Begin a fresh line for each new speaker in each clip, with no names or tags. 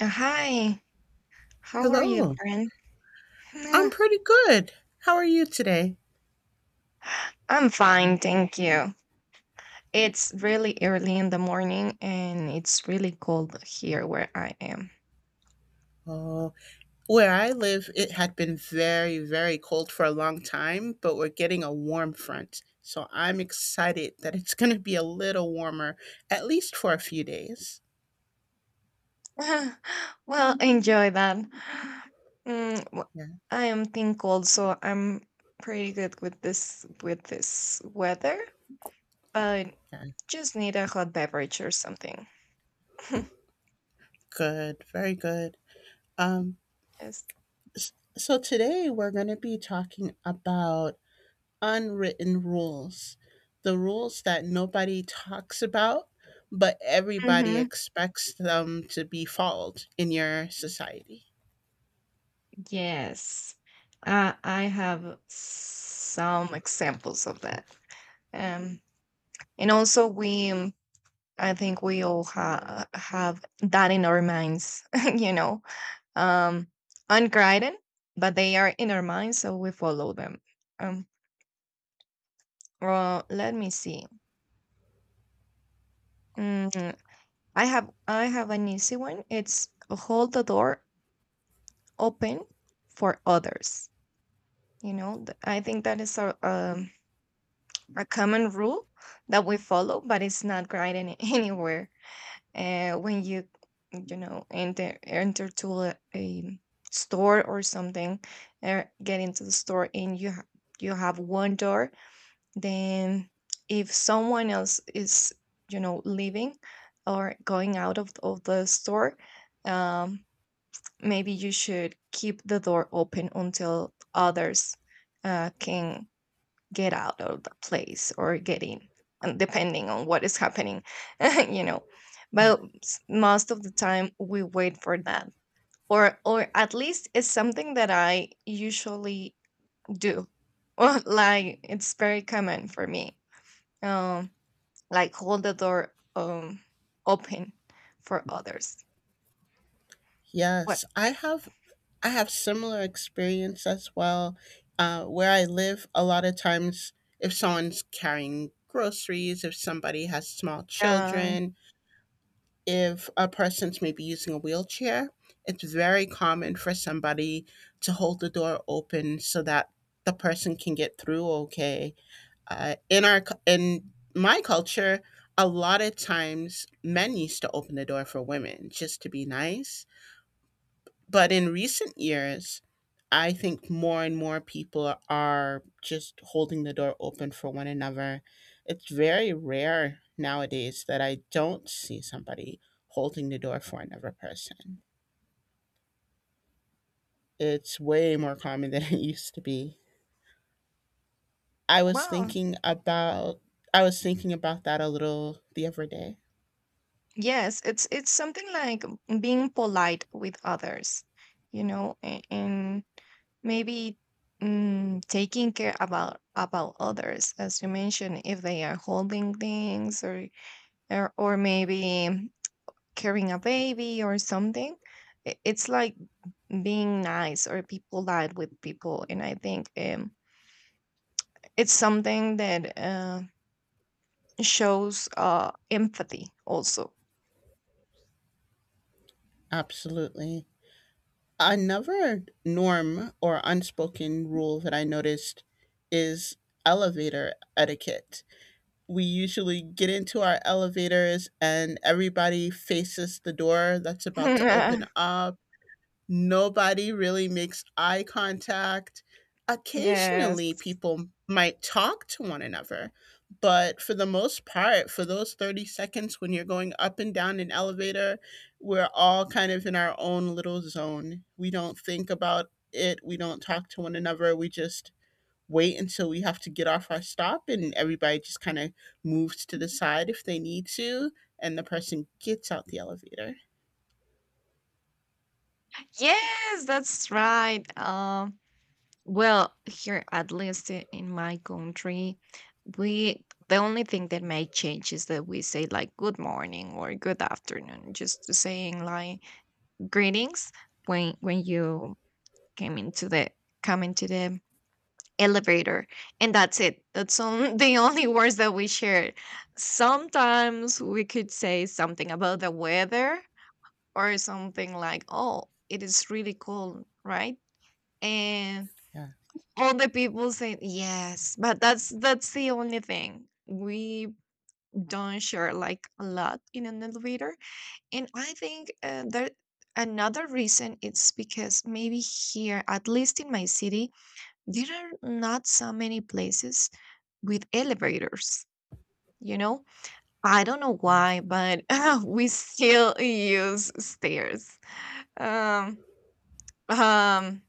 Hi, how are you,
Hello.
friend?
I'm
Uh,
pretty good. How are you today?
I'm fine, thank you. It's really early in the morning and it's really cold here where I am.
Oh, where I live, it had been very, very cold for a long time, but we're getting a warm front. So I'm excited that it's going to be a little warmer, at least for a few days.
Well, enjoy that. Mm, w-
Yeah,
I am thin cold, so I'm pretty good with this weather, but
yeah.
just need a hot beverage or something.
Good, very good. Um,
Yes.
so today we're going to be talking about unwritten rules, the rules that nobody talks about, but everybody
Hmm.
expects them to be followed in your society.
Yes. I have some examples of that. Um, And also, I think we all have that in our minds, you know, um, unguided, but they are in our minds, so we follow them. Um, well, let me see. Mm, I have an easy one. It's hold the door open for others. You know, I think that is a common rule that we follow, but it's not guided anywhere. When you know enter to a store or something, get into the store, and you you have one door. Then, if someone else is, leaving or going out of the store, um, maybe you should keep the door open until others can get out of the place or get in, and depending on what is happening. you know. But most of the time, we wait for that, or at least it's something that I usually do. Or, like, it's very common for me. Um, like hold the door, open, for others. What?
Yes, I have similar experience as well. Where I live, a lot of times, if someone's carrying groceries, if somebody has small
Uh,
children, if a person's maybe using a wheelchair, it's very common for somebody to hold the door open so that the person can get through okay. In my culture, a lot of times men used to open the door for women just to be nice, but in recent years, I think more and more people are just holding the door open for one another. It's very rare nowadays that I don't see somebody holding the door for another person. It's way more common than it used to be. I was
wow.
thinking about I was thinking about that a little the other day.
Yes, it's something like being polite with others, you know, and maybe, taking care about others, as you mentioned, if they are holding things, or maybe carrying a baby or something. It's like being nice or people lied with people. And I think, it's something that, shows, empathy also.
Absolutely. Another norm or unspoken rule that I noticed is elevator etiquette. We usually get into our elevators and everybody faces the door that's about to open up. Nobody really makes eye contact. Occasionally,
Yes,
people might talk to one another, but for the most part, for those 30 seconds when you're going up and down an elevator, we're all kind of in our own little zone. We don't think about it, we don't talk to one another, we just wait until we have to get off our stop and everybody just kind of moves to the side if they need to, and the person gets out the elevator.
yes, that's right. Well, here, at least, in my country, we the only thing that may change is that we say like good morning or good afternoon, just saying like greetings, when you came into the come into the elevator, and that's it. That's on, the only words that we share. Sometimes we could say something about the weather or something like, "Oh, it is really cold, right?" And
Yeah.
all the people say yes, but that's the only thing. We don't share like a lot in an elevator, and I think, there another reason it's because maybe here, at least in my city, there are not so many places with elevators. You know, I don't know why, but we still use stairs. Um, um,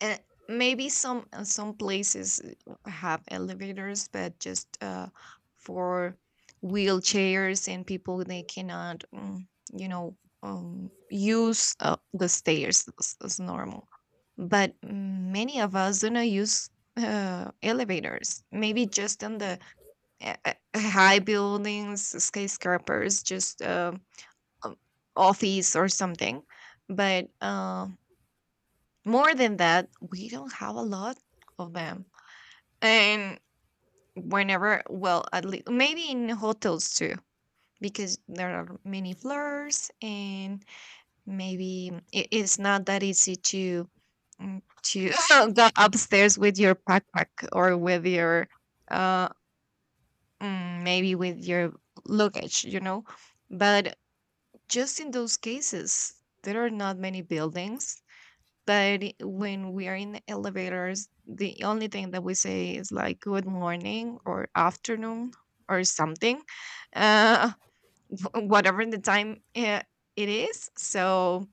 and maybe some, some places have elevators, but just, for wheelchairs and people they cannot, you know use the stairs as normal. But, many of us do not use elevators, maybe just on the, high buildings, skyscrapers, just, um, office or something. But, more than that, we don't have a lot of them. And whenever, well, at least maybe in hotels too, because there are many floors, and maybe it's not that easy to, mm, to go upstairs with your backpack or with your, uh maybe with your luggage, you know. But just in those cases, there are not many buildings that, when we are in the elevators, the only thing that we say is like good morning or afternoon or something, uh, whatever the time, it is. So,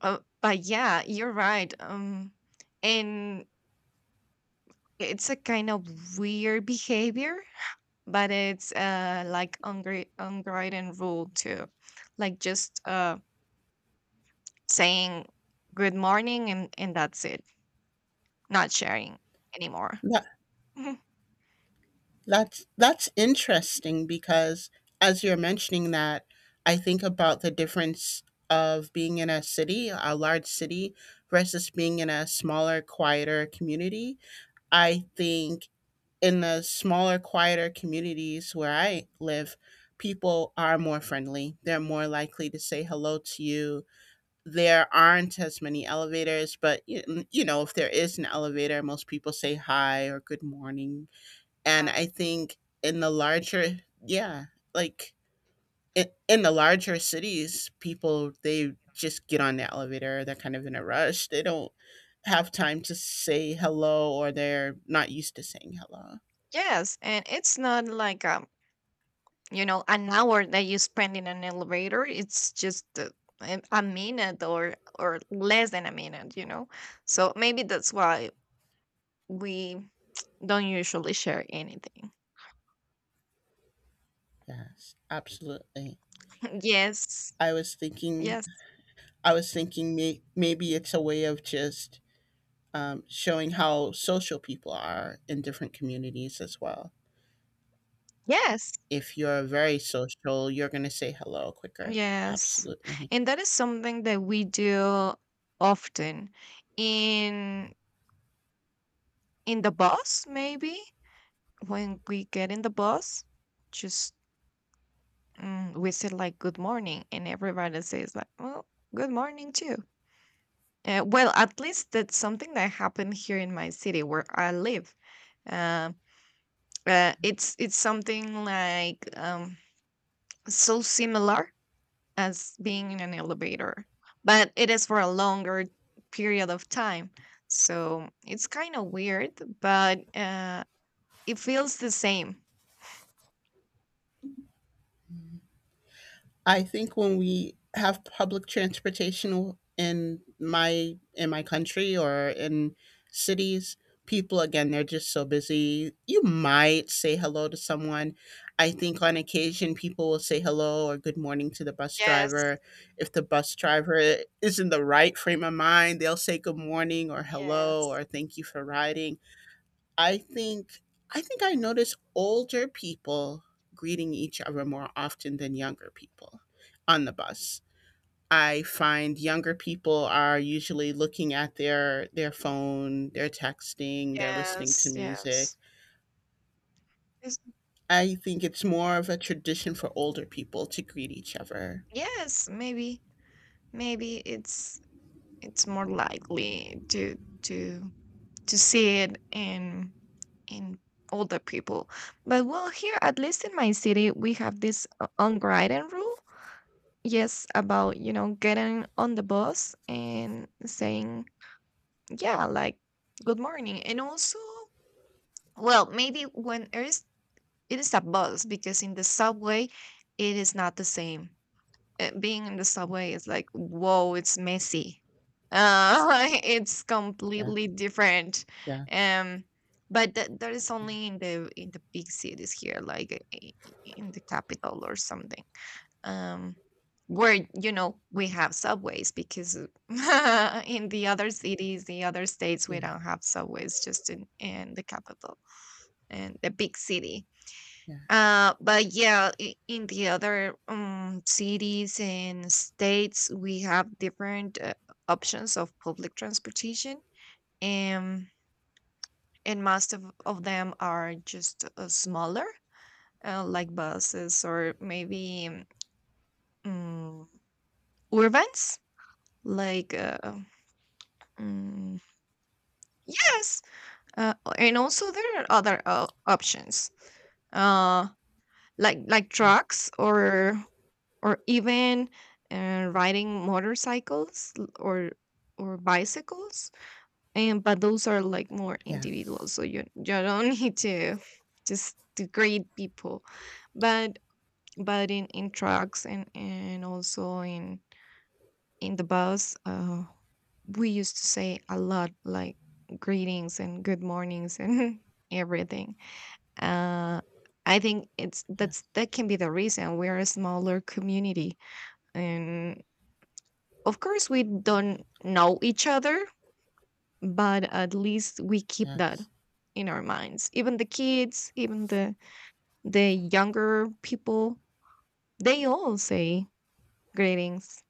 but yeah, you're right. And it's a kind of weird behavior, but it's, like, unwritten rule too, like just, saying good morning, and that's it, not sharing anymore.
That, that's interesting because as you're mentioning that, I think about the difference of being in a city, a large city versus being in a smaller, quieter community. I think in the smaller, quieter communities where I live, people are more friendly. They're more likely to say hello to you. There aren't as many elevators, but you know, if there is an elevator, most people say hi or good morning. And I
Yes.
think in the larger, yeah, like in the larger cities, people they just get on the elevator. They're kind of in a rush. They don't have time to say hello, or they're not used to saying hello.
Yes, and it's not like, an hour that you spend in an elevator. It's just, a minute or less than a minute. So maybe that's why we don't usually share anything.
Yes, absolutely.
Yes.
I was thinking,
Yes.
I was thinking maybe it's a way of just showing how social people are in different communities as well.
Yes.
If you're very social, you're going to say hello quicker.
Yes.
Absolutely.
And that is something that we do often in in the bus, maybe, when we get in the bus, just, we said like good morning, and everybody says like, well, good morning too. Well, at least that's something that happened here in my city where I live. Uh, it's something like, so similar as being in an elevator, but it is for a longer period of time. So it's kind of weird, but, it feels the same.
I think when we have public transportation in my country or in cities, people again they're just so busy. You might say hello to someone. I think on occasion people will say hello or good morning to the bus
Yes,
driver. If the bus driver is in the right frame of mind, they'll say good morning or hello
yes,
or thank you for riding. I think I think I notice older people greeting each other more often than younger people on the bus. I find younger people are usually looking at their phone, they're texting, they're listening to
yes,
music.
yes. Yes,
I think it's more of a tradition for older people to greet each other.
yes, maybe. Maybe it's more likely to to see it in older people. But, well, here, at least in my city, we have this, unwritten rule, yes, about, getting on the bus, and saying, yeah, like good morning. And also, well, maybe when there is, it is a bus, because in the subway it is not the same. Being in the subway is like, whoa, it's messy. Uh, it's
Yeah.
completely different.
Yes.
Um, but that is
Yeah.
only in the big cities here, like, in the capital or something. Um, where, we have subways. Because, in the other cities, the other states, we
Yeah.
don't have subways. Just in the capital and the big city.
Yeah.
But yeah, in the other, cities and states, we have different, options of public transportation, and and most of them are just, smaller, like buses, or maybe, um, mm, urbans, like, mm, yes, and also there are other, options, uh, like
Yeah.
trucks, or even, riding motorcycles, or bicycles. And but those are like more
Yeah. Yes.
individual, so you don't need to, just to grade people. But in trucks, and also in the bus, we used to say a lot, like greetings and good mornings and everything. uh I think, it's that's that can be the reason: we're a smaller community, and, of course, we don't know each other, but at least we keep that
Yes.
in our minds. Even the kids, even the younger people, they all say greetings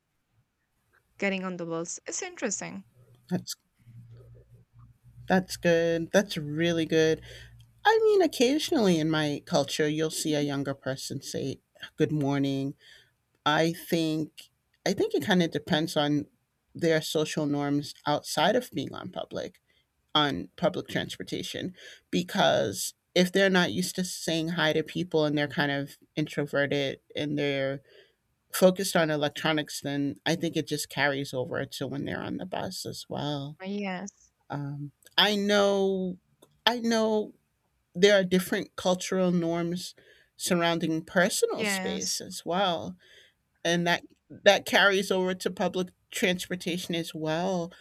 getting on the bus. It's interesting.
That's that's good. That's really good. I mean, occasionally in my culture, you'll see a younger person say, "Good morning." I think I think it kind of depends on their social norms outside of being on public transportation, because if they're not used to saying hi to people and they're kind of introverted and they're focused on electronics, then I think it just carries over to when they're on the bus as well.
Yes.
Um, I know I know there are different cultural norms surrounding personal space
Yes.
as well, and that carries over to public transportation as well.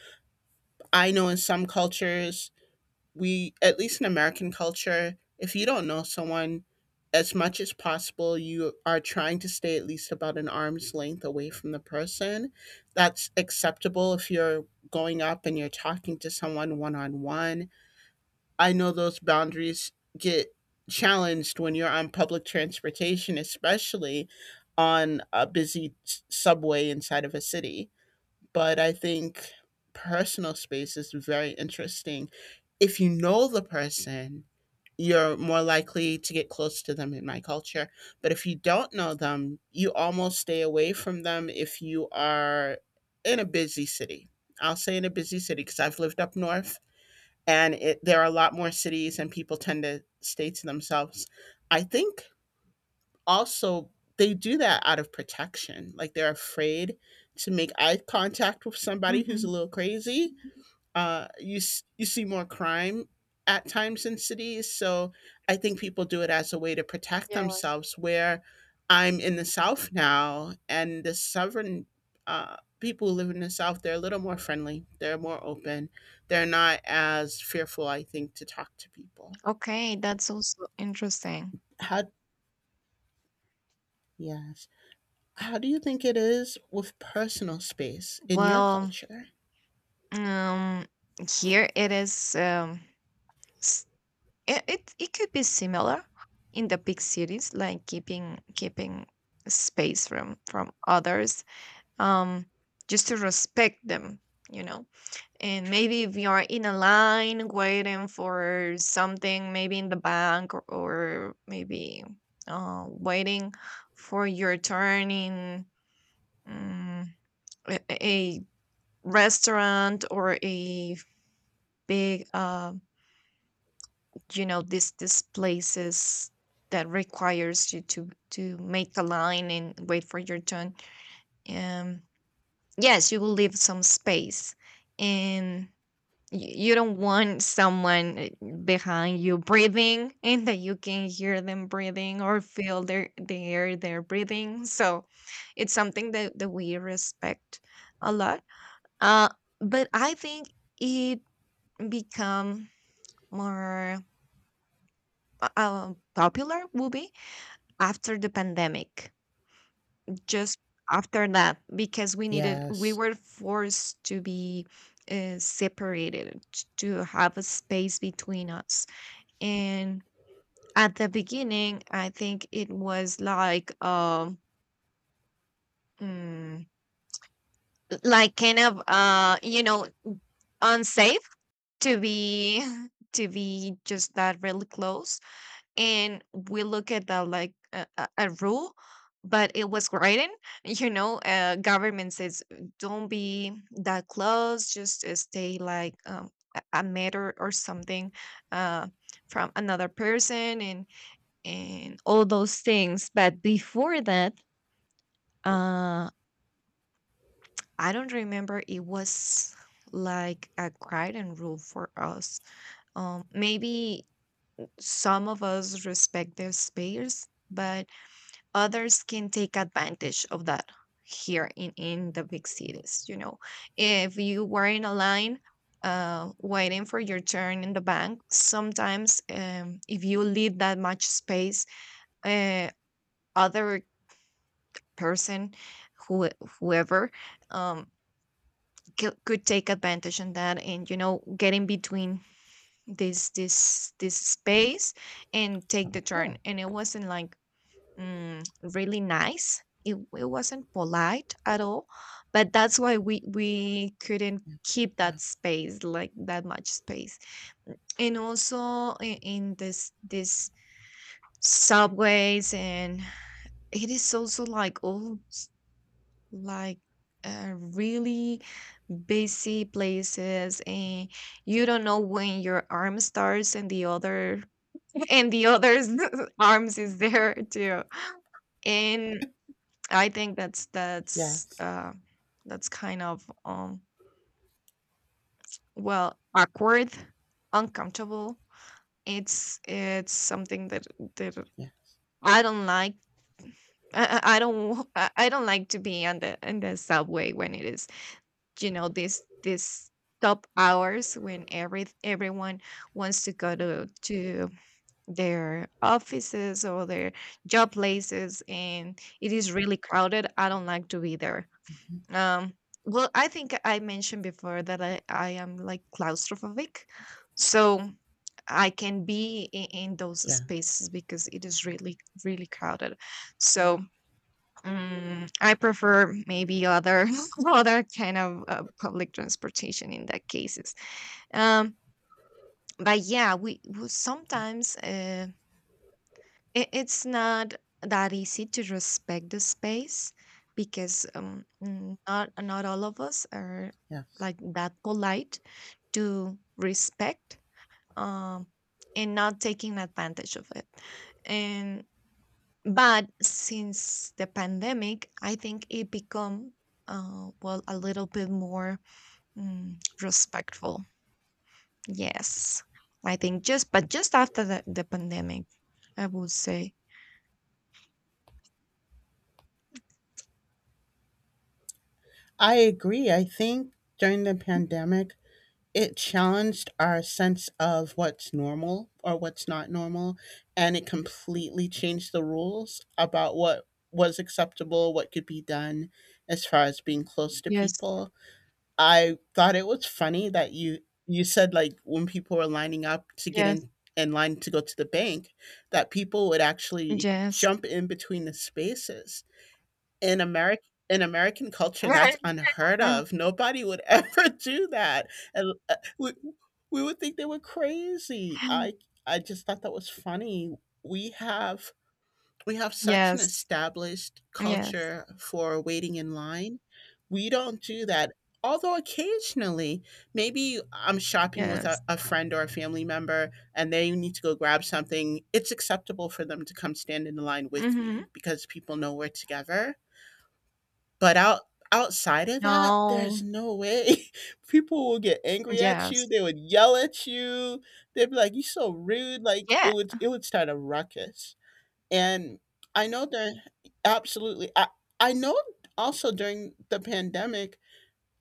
I know in some cultures, we, at least in American culture, if you don't know someone, as much as possible you are trying to stay at least about an arm's length away from the person. That's acceptable if you're going up and you're talking to someone one on one. I know those boundaries get challenged when you're on public transportation, especially on a subway inside of a city. But I think personal space is very interesting. If you know the person, you're more likely to get close to them in my culture. But if you don't know them, you almost stay away from them if you are in a busy city. I'll say in a busy city because I've lived up north, and it, there are a lot more cities and people tend to stay to themselves. I think also they do that out of protection, like they're afraid to make eye contact with somebody who's a
Hmm.
little crazy. You see more crime at times in cities. So I think people do it as a way to protect
Yes.
themselves. Where I'm in the South now, and the Southern people who live in the South, they're a little more friendly. They're more open. They're not as fearful, I think, to talk to people.
Okay, that's also interesting.
How yes. How do you think it is with personal space in your
Well,
culture?
um, here it is, it could be similar in the big cities, like keeping space from others, um, just to respect them, you know. And maybe if you are in a line waiting for something, maybe in the bank, or maybe, waiting for your turn in, um, a restaurant, or a big, these places that requires you to make a line and wait for your turn. um yes, you will leave some space, and you don't want someone, behind you breathing, and that you can hear them breathing, or feel their the air they're breathing. So it's something that we respect a lot. uh but I think it become more, popular movie after the pandemic. Just after that, because we needed, we
Yes.
were forced to be, separated, to have a space between us. And at the beginning, I think it was like, mm, like kind of, unsafe to be to be just that really close. And we look at that like a rule, but it was written, government says don't be that close, just, stay like, a meter or something, uh, from another person, and all those things. But before that, uh I don't remember it was like a guiding rule for us. Maybe some of us respect their space, but others can take advantage of that, here in the big cities, you know. If you were in a line, waiting for your turn in the bank, sometimes, if you leave that much space, uh, other person, who whoever, um, could take advantage on that and, you know, get in between this space and take the turn.
Oh.
And it wasn't like, mm, really nice. It wasn't polite at all, but that's why we couldn't
Yeah.
keep
Yeah.
that space, like, that much space. And also in this subways, and it is also like all, like, really busy places, and you don't know when your arm starts and the other and the other's arms is there too. And I think
Yes.
that's kind of, well, awkward, uncomfortable. It's something that
Yeah.
I don't like. I don't like to be on the in the subway when it is, this top hours, when everyone wants to go to their offices or their job places, and it is really crowded. I don't like to be there.
Mhm.
Um, well, I think I mentioned before that I am like claustrophobic. So I can be in those
Yeah.
spaces because it is really, really crowded. So I prefer maybe other other kind of public transportation in that cases. Um, but yeah, we
Yeah.
sometimes. It's not that easy to respect the space because not all of us are
Yeah.
like that polite to respect um, and not taking advantage of it. And but since the pandemic, I think it become well a little bit more respectful. Yes, I think just after the pandemic, I would say.
I agree. I think during the pandemic, it challenged our sense of what's normal or what's not normal, and it completely changed the rules about what was acceptable, what could be done as far as being close to
Yes,
people. I thought it was funny that you said like when people were lining up to get
yes.
in line to go to the bank, that people would actually
Yes.
jump in between the spaces in America. In American culture, that's unheard of. Nobody would ever do that. And we would think they were crazy. I just thought that was funny. We have we have such an
Yes.
established
Yes.
culture for waiting in line. We don't do that. Although occasionally, maybe I'm shopping with
Yes.
a friend or a family member and they need to go grab something, it's acceptable for them to come stand in the line with
Hmm.
me because people know we're together. But outside of that, there's
No.
no way. People will get angry at you,
Yes.
they would yell at you, they'd be like, "You're so rude," like,
Yeah.
it would start a ruckus, and I know there absolutely. I know also during the pandemic,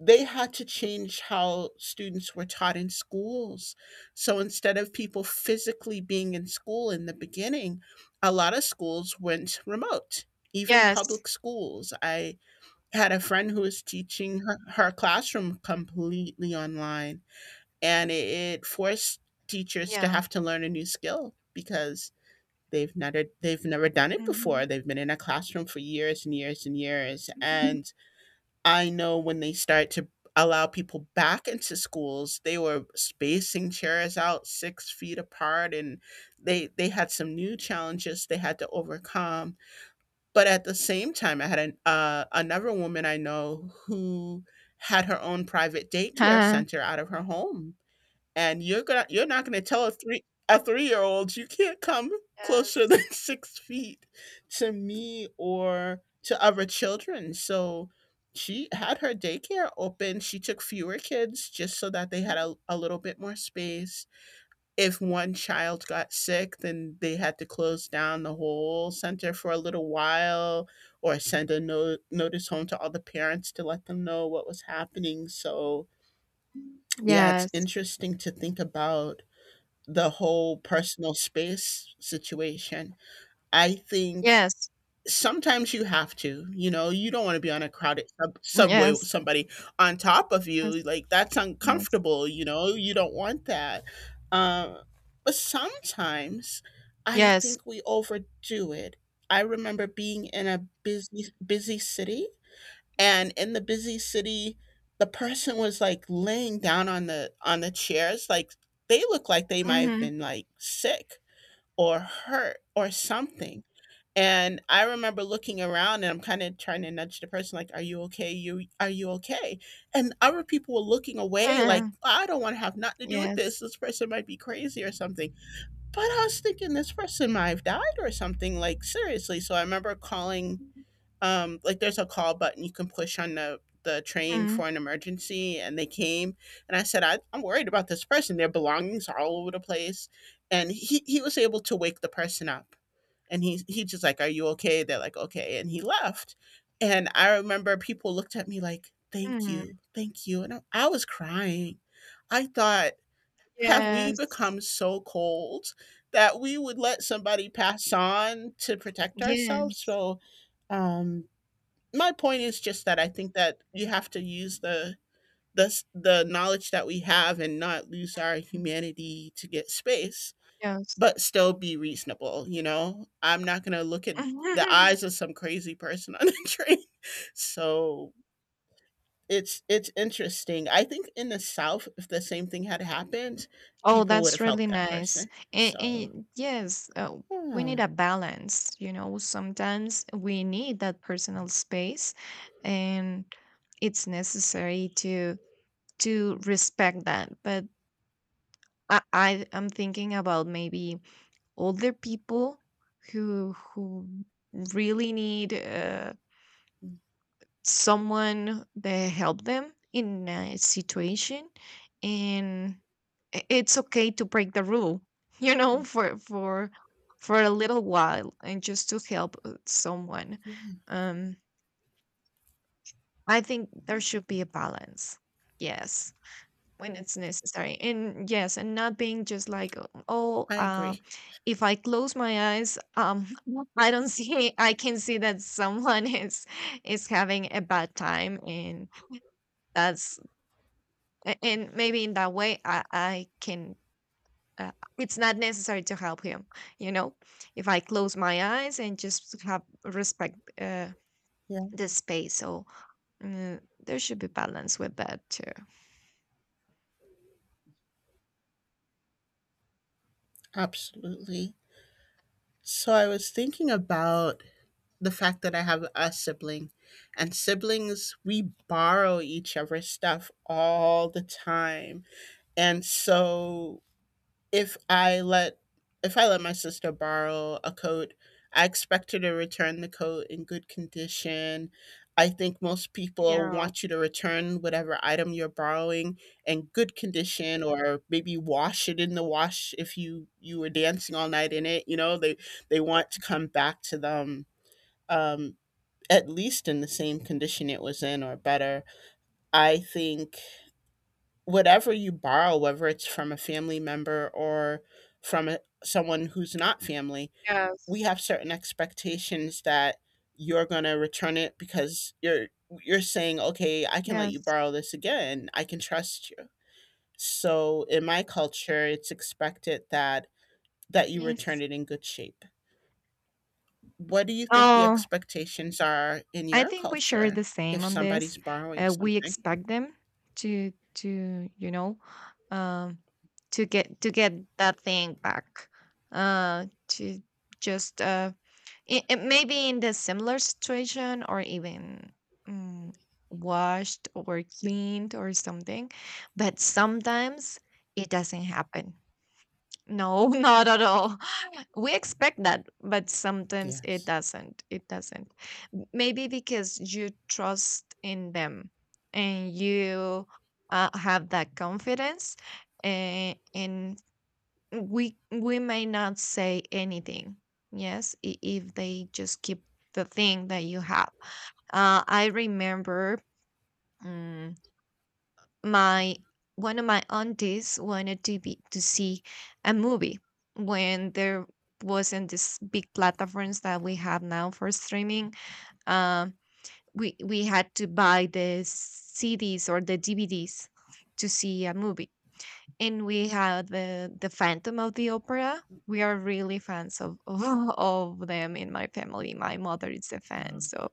they had to change how students were taught in schools. So instead of people physically being in school in the beginning, a lot of schools went remote, even
Yes.
public schools. I had a friend who was teaching her, her classroom completely online, and it forced teachers to
Yeah.
have to learn a new skill because they've never done it before.
Hmm.
They've been in a classroom for years and years and years. And I know when they start to allow people back into schools, they were spacing chairs out six feet apart, and they had some new challenges they had to overcome. But at the same time, I had an, another woman I know who had her own private daycare
Huh.
center out of her home, and you're gonna you're not gonna tell a three-year-old you can't come closer than
Yes.
six feet to me or to other children. So she had her daycare open. She took fewer kids just so that they had a little bit more space. If one child got sick, then they had to close down the whole center for a little while or send a notice home to all the parents to let them know what was happening. So, yeah, it's
Yes.
interesting to think about the whole personal space situation. I think sometimes you have to, you know, you don't wanna be on a crowded subway with
Yes.
somebody on top of
Yes.
you,
Yes.
like, that's
Yes.
uncomfortable, you know, you don't want that. Uh, but sometimes I
Yes.
think we overdo it. I remember being in a busy city, and in the busy city, the person was, like, laying down on the chairs, like, they look like they might have
Hmm.
been, like, sick or hurt or something. And I remember looking around and I'm kind of trying to nudge the person like, "Are you okay? You Are you okay?" And other people were looking away like, "I don't want to have nothing to do with
Yes.
this. This person might be crazy or something." But I was thinking this person might have died or something like seriously. So I remember calling like there's a call button you can push on the train
Hmm.
for an emergency, and they came. And I said, I'm worried about this person. Their belongings are all over the place. And he was able to wake the person up, and he just like, "Are you okay?" They're like, "Okay," and he left. And I remember people looked at me like, thank you. Thank you" And I was crying. I thought, have we
Yes.
become so cold that we would let somebody pass on to protect ourselves?
Yes.
So um my point is just that I think that you have to use the, the knowledge that we have and not lose our humanity to get space,
Yes.
but still be reasonable, you know? I'm not going to look at the eyes of some crazy person on the train. So it's interesting. I think in the South, if the same thing had happened,
Oh,
people would
that's
have helped
really
that
nice.
person.
And,
So
and yes, we need
yeah.
a balance. You know, sometimes we need that personal space, and it's necessary to respect that. But I I'm thinking about maybe older people who really need
Mm-hmm.
someone that help them in a situation, and I- it's okay to break the rule you know for for a little while and just to help someone.
Yeah,
um I think there should be a balance, yes, when it's necessary and yes and not being just like oh,
I agree.
if I close my eyes, I don't see I can see that someone is having a bad time and that's a- and maybe in that way I can uh, it's not necessary to help him, you know, if I close my eyes and just have respect uh,
Yeah,
the space. So uh, there should be balance with that too.
absolutely. So I was thinking about the fact that I have a sibling, and siblings, we borrow each other's stuff all the time. And so if I let if I let my sister borrow a coat, I expect her to return the coat in good condition. I think most people
Yeah,
want you to return whatever item you're borrowing in good condition, or maybe wash it in the wash if you were dancing all night in it. They want to come back to them um at least in the same condition it was in, or better. I think whatever you borrow, whether it's from a family member or from someone who's not family,
yes,
we have certain expectations that you're going to return it, because you're saying, "Okay, I can let you
yes,
borrow this again. I can trust you." So, in my culture, it's expected that you return
yes.
it in good shape. What do you think the
Oh,
expectations are in
I
your
think we share
culture
the same
if
on
somebody's
this.
borrowing
We
something?
expect them to you know um to get that thing back, to just it may be in the similar situation or even mm, washed or cleaned or something, but sometimes it doesn't happen. No, not at all. We expect that, but sometimes it
Yes.
doesn't. It doesn't. M- Maybe because you trust in them and you have that confidence. And we may not say anything, yes, I- if they just keep the thing that you have. I remember um, my one of my aunties wanted to be to see a movie when there wasn't this big platforms that we have now for streaming. um, we had to buy the cds or the dvds to see a movie, and we had the Phantom of the Opera. We are really fans of of them in my family. My mother is a fan,
Um,
so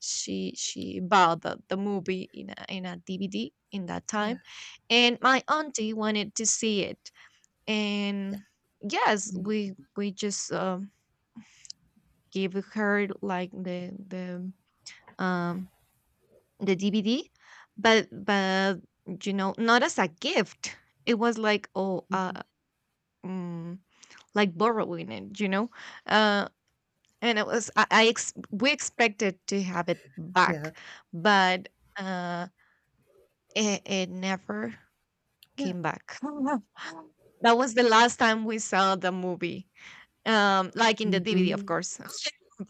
she bought the movie in a DVD in that
yeah.
time. And my auntie wanted to see it.
Yeah.
And yes,
Mhm.
we just gave her like um the DVD, but you know, not as a gift. It was like, oh, mm, like borrowing it, you know? Uh, and it was, we expected to have it
Yeah.
back, but uh, it, it never
Yeah.
came back. That was the last time we saw the movie, like in the DVD, of
Mhm.
course,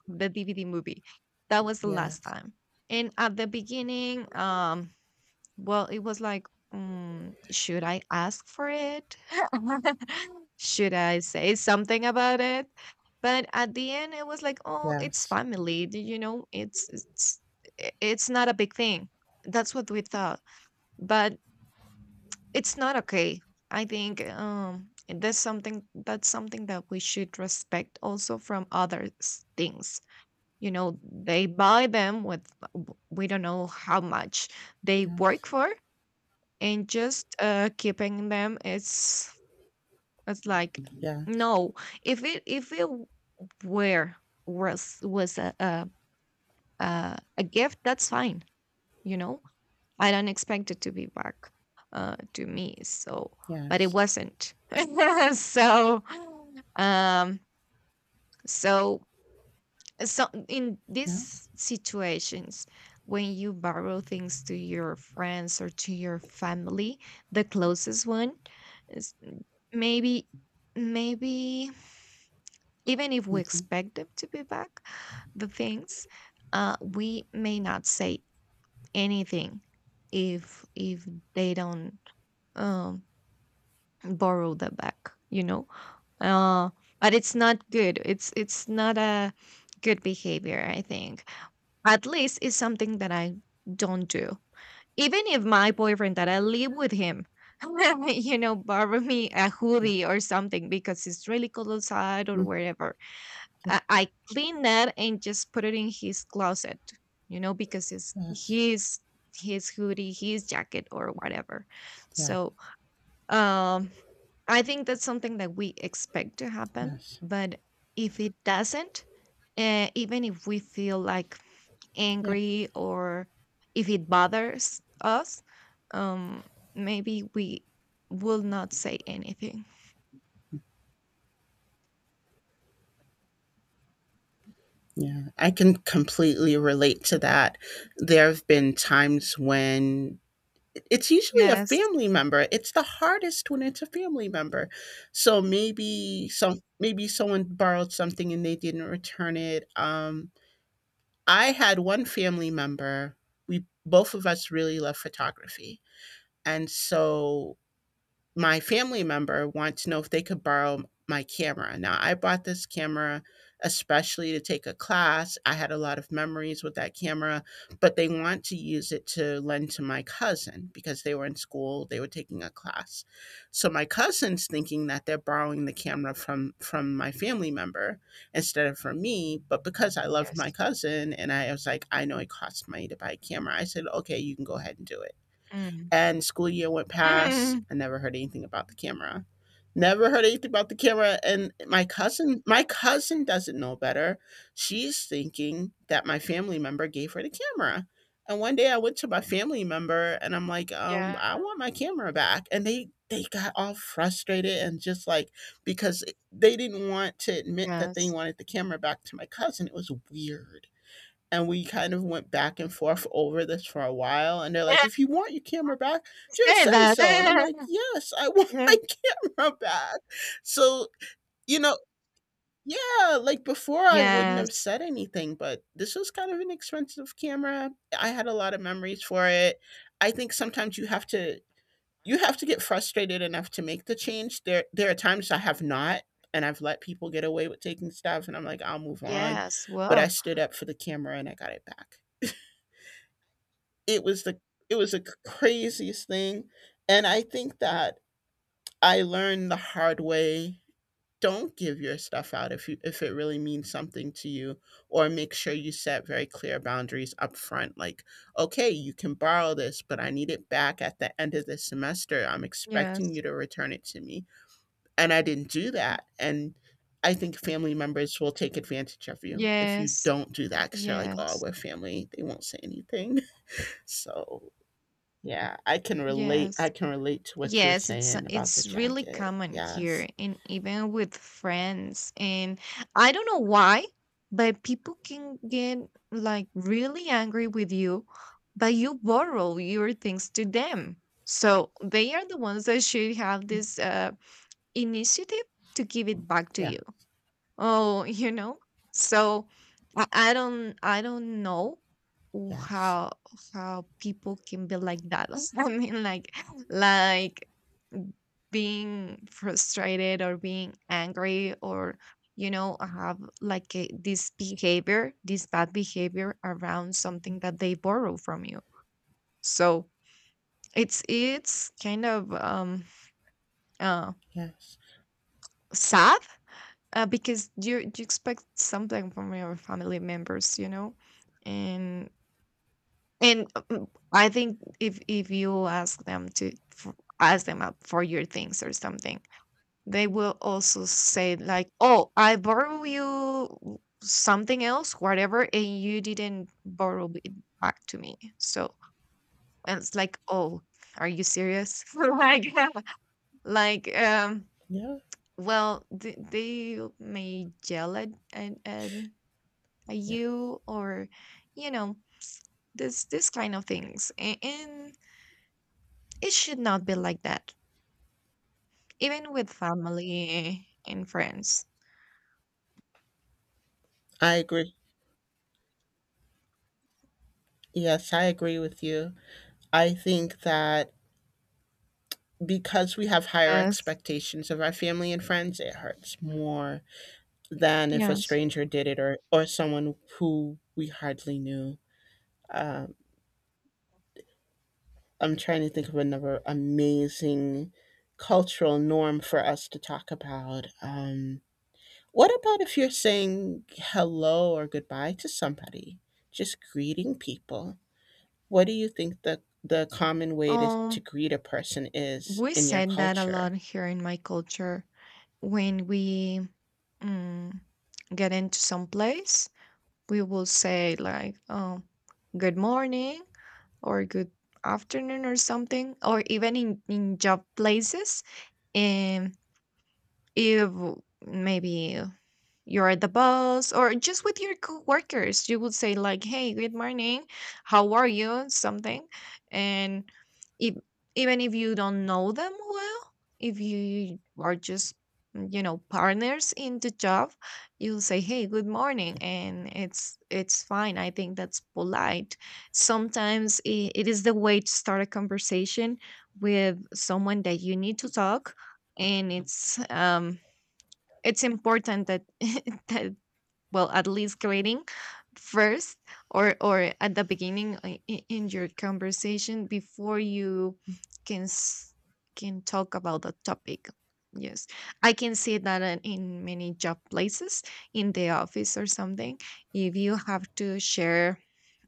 the DVD movie. That was the last
Yes.
time. And at the beginning, well, it was like, should I ask for it? Should I say something about it? But at the end, it was like, oh, it's
Yes.
family. Do you know, it's I- it's not a big thing. That's what we thought, but it's not okay. I think that's something that we should respect also from others' things. You know, they buy them with w- we don't know how much they work
Yes.
for, and just keeping them is it's like
Yes.
no, if it w- were was a gift, that's fine. You know, I don't expect it to be back to me. So, but it
Yes.
wasn't. So, um, so so in
Yeah.
these situations when you borrow things to your friends or to your family, the closest one is maybe maybe even if we
Mhm.
expect them to be back the things, we may not say anything if they don't um, borrow the back, you know, uh, but it's not good, it's not a good behavior, I think. At least it's something that I don't do. Even if my boyfriend that I live with him you know borrow me a
Yeah.
hoodie or something because it's really cold outside or
Mm.
wherever,
Yeah.
I cleaned that and just put it in his closet, you know, because it's
Yes.
his hoodie, his jacket, or whatever.
Yeah.
So um, I think that's something that we expect to happen.
Yes.
But if it doesn't, even if we feel like
Yeah.
angry or if it bothers us, um, maybe we will not say anything.
Yeah, I can completely relate to that. There have been times when it's usually a
Yes.
family member. It's the hardest when it's a family member. So maybe some maybe someone borrowed something and they didn't return it. I had one family member. We, both of us, really love photography. And so my family member wants to know if they could borrow my camera. Now, I bought this camera especially to take a class. I had a lot of memories with that camera, but they want to use it to lend to my cousin, because they were in school, they were taking a class. So my cousin's thinking that they're borrowing the camera from my family member instead of from me, but because I loved my
Yes.
cousin and I was like, I know it costs money to buy a camera. I said, "Okay, you can go ahead and do it."
Mm.
And school year went past. I never heard anything about the camera. Never heard anything about the camera. And my cousin doesn't know better. She's thinking that my family member gave her the camera. And one day I went to my family member and I'm like,
Yeah.
I want my camera back. And they got all frustrated and just like, because they didn't want to admit that they
Yes.
wanted the camera back to my cousin. It was weird, and we kind of went back and forth over this for a while, and they're like, if you want your camera back, just
Say
say
that.
so. And I'm like, yes, I want my camera back. So, you know, yeah, like before I wouldn't have
Yes.
said anything, but this was kind of an expensive camera. I had a lot of memories for it. I think sometimes you have to, you have to get frustrated enough to make the change. There are times I have not, and I've let people get away with taking stuff and I'm like, I'll move on.
Yes,
But I
well,
stood up for the camera and I got it back. It was the it was the craziest thing. And I think that I learned the hard way, don't give your stuff out if you, if it really means something to you, or make sure you set very clear boundaries up front, like, okay, you can borrow this, but I need it back at the end of the semester, I'm expecting
yes,
you to return it to me. And I didn't do that. And I think family members will take advantage of you if you
yes,
don't do that, because they're like, oh,
yes,
we're family, they won't say anything. So yeah, I can relate. I
yes,
can relate to what you were
yes.
saying about the
It's really
jacket.
common here,
Yes.
and even with friends. And I don't know why, but people can get like really angry with you, but you borrow your things to them. So they are the ones that should have this initiative to give it back to
Yeah.
you. Oh, you know. So I don't I don't know w-
Yes.
how how people can be like that. I mean like being frustrated or being angry or you know have like a, this behavior, this bad behavior around something that they borrow from you. So it's kind of uh
Yes.
sad, because you expect something from your family members, you know, and and I think if you ask them ask them up for your things or something, they will also say like, "Oh, I borrow you something else, whatever, and you didn't borrow it back to me." So and it's like, "Oh, are you serious?" Like um.
Yeah.
Well, th- they may yell at
Yeah,
you or you know this this kind of things. A- and it should not be like that even with family and friends.
I agree. Yes, I agree with you. I think that because we have higher
Yes,
expectations of our family and friends, it hurts more than if a
yes.
stranger did it, or someone who we hardly knew. Um, I'm trying to think of another amazing cultural norm for us to talk about. What about if you're saying hello or goodbye to somebody? Just greeting people. What do you think the common way to
um
greet a person is
we
in your
said that a lot
culture?
here in my culture. When we mm, get into some place we will say like oh good morning or good afternoon or something, or even in job places. And if maybe you're the boss or just with your coworkers, you would say like hey good morning how are you something. And if, even if you don't know them well, if you are just you know partners in the job, you'll say hey good morning, and it's fine, I think that's polite. Sometimes it, it is the way to start a conversation with someone that you need to talk. And it's important that, that well at least greeting first or at the beginning I- in your conversation before you can s- can talk about the topic. Yes, I can see that in many job places in the office or something. If you have to share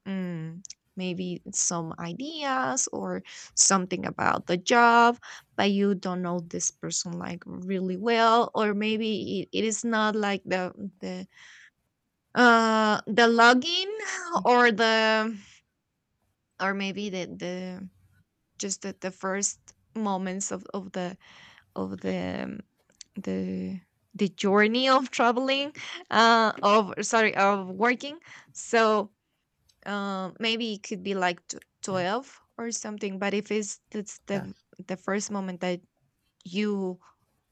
Mm, maybe some ideas or something about the job, but you don't know this person like really well, or maybe it, it is not like the the login or the or maybe the just the first moments of the the journey of traveling, of sorry of working. So maybe it could be like t-
Yeah.
12 or something. But if it's it's
Yeah.
the first moment that you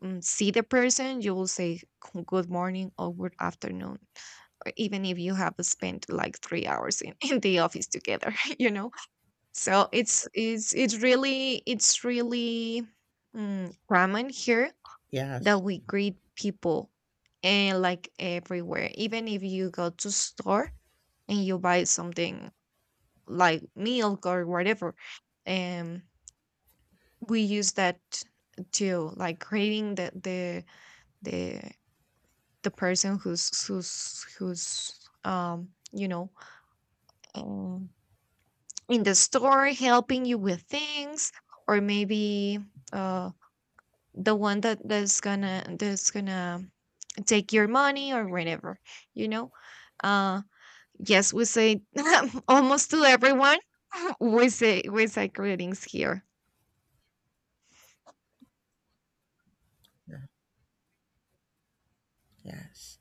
see the person, you will say g- good morning or good afternoon or even if you have spent like 3 hours in, in the office together you know. So it's really common here
Yes.
that we greet people. And like everywhere, even if you go to store and you buy something like milk or whatever, um we use that to like creating the the person who's you know um, in the store helping you with things or maybe uh the one that that's gonna take your money or whatever, you know. uh yes, we say almost to everyone we say greetings here.
Yeah. Yes.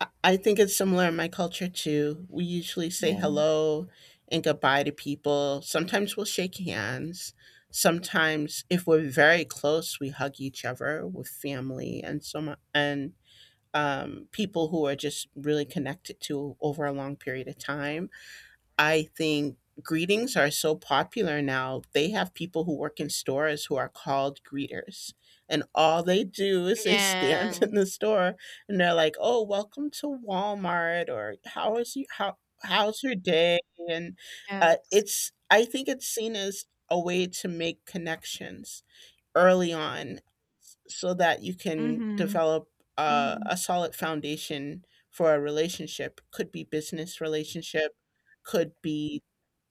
I think it's similar in my culture too. We usually say hello and goodbye to people. Sometimes we'll shake hands. Sometimes, if we're very close, we hug each other with family and so on. And people who are just really connected to over a long period of time. I think greetings are so popular now. They have people who work in stores who are called greeters. And all they do is they stand in the
Yes,
store and they're like, "Oh, welcome to Walmart," or "How is you how how's your day?" And
yes.
it's I think it's seen as a way to make connections early on, so that you can
Mhm,
develop
mhm.
a solid foundation for a relationship. Could be business relationship, could be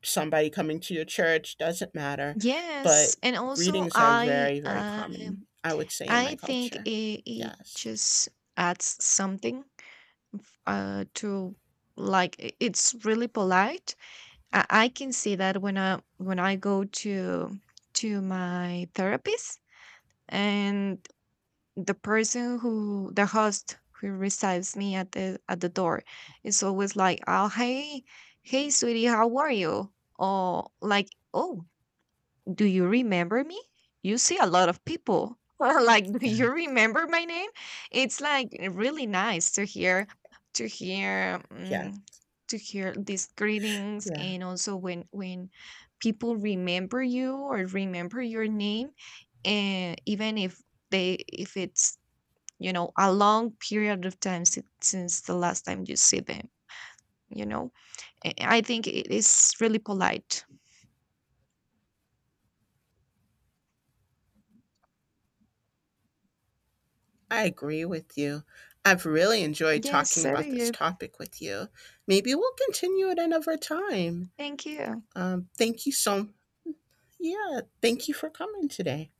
somebody coming to your church, doesn't matter, but
Yes, and also
greetings are very, very common, I would say, in
I
my
think
culture.
it
Yes.
just adds something to it's really polite. I can see that when I go to my therapist, and the person who the host who receives me at the door is always like oh hey hey sweetie how are you, or like oh do you remember me, you see a lot of people or like do
Yeah.
you remember my name. It's like eh, really nice to hear to hear
Yeah.
to hear these greetings,
Yeah,
and also when people remember you or remember your name, and even if they if it's you know a long period of time since the last time you see them, you know, I think it is really polite.
I agree with you. I've really enjoyed
Yes,
talking
so do
about this
you.
topic with you. Maybe we'll continue it another time.
Thank you.
Um, thank you so— yeah, thank you for coming today.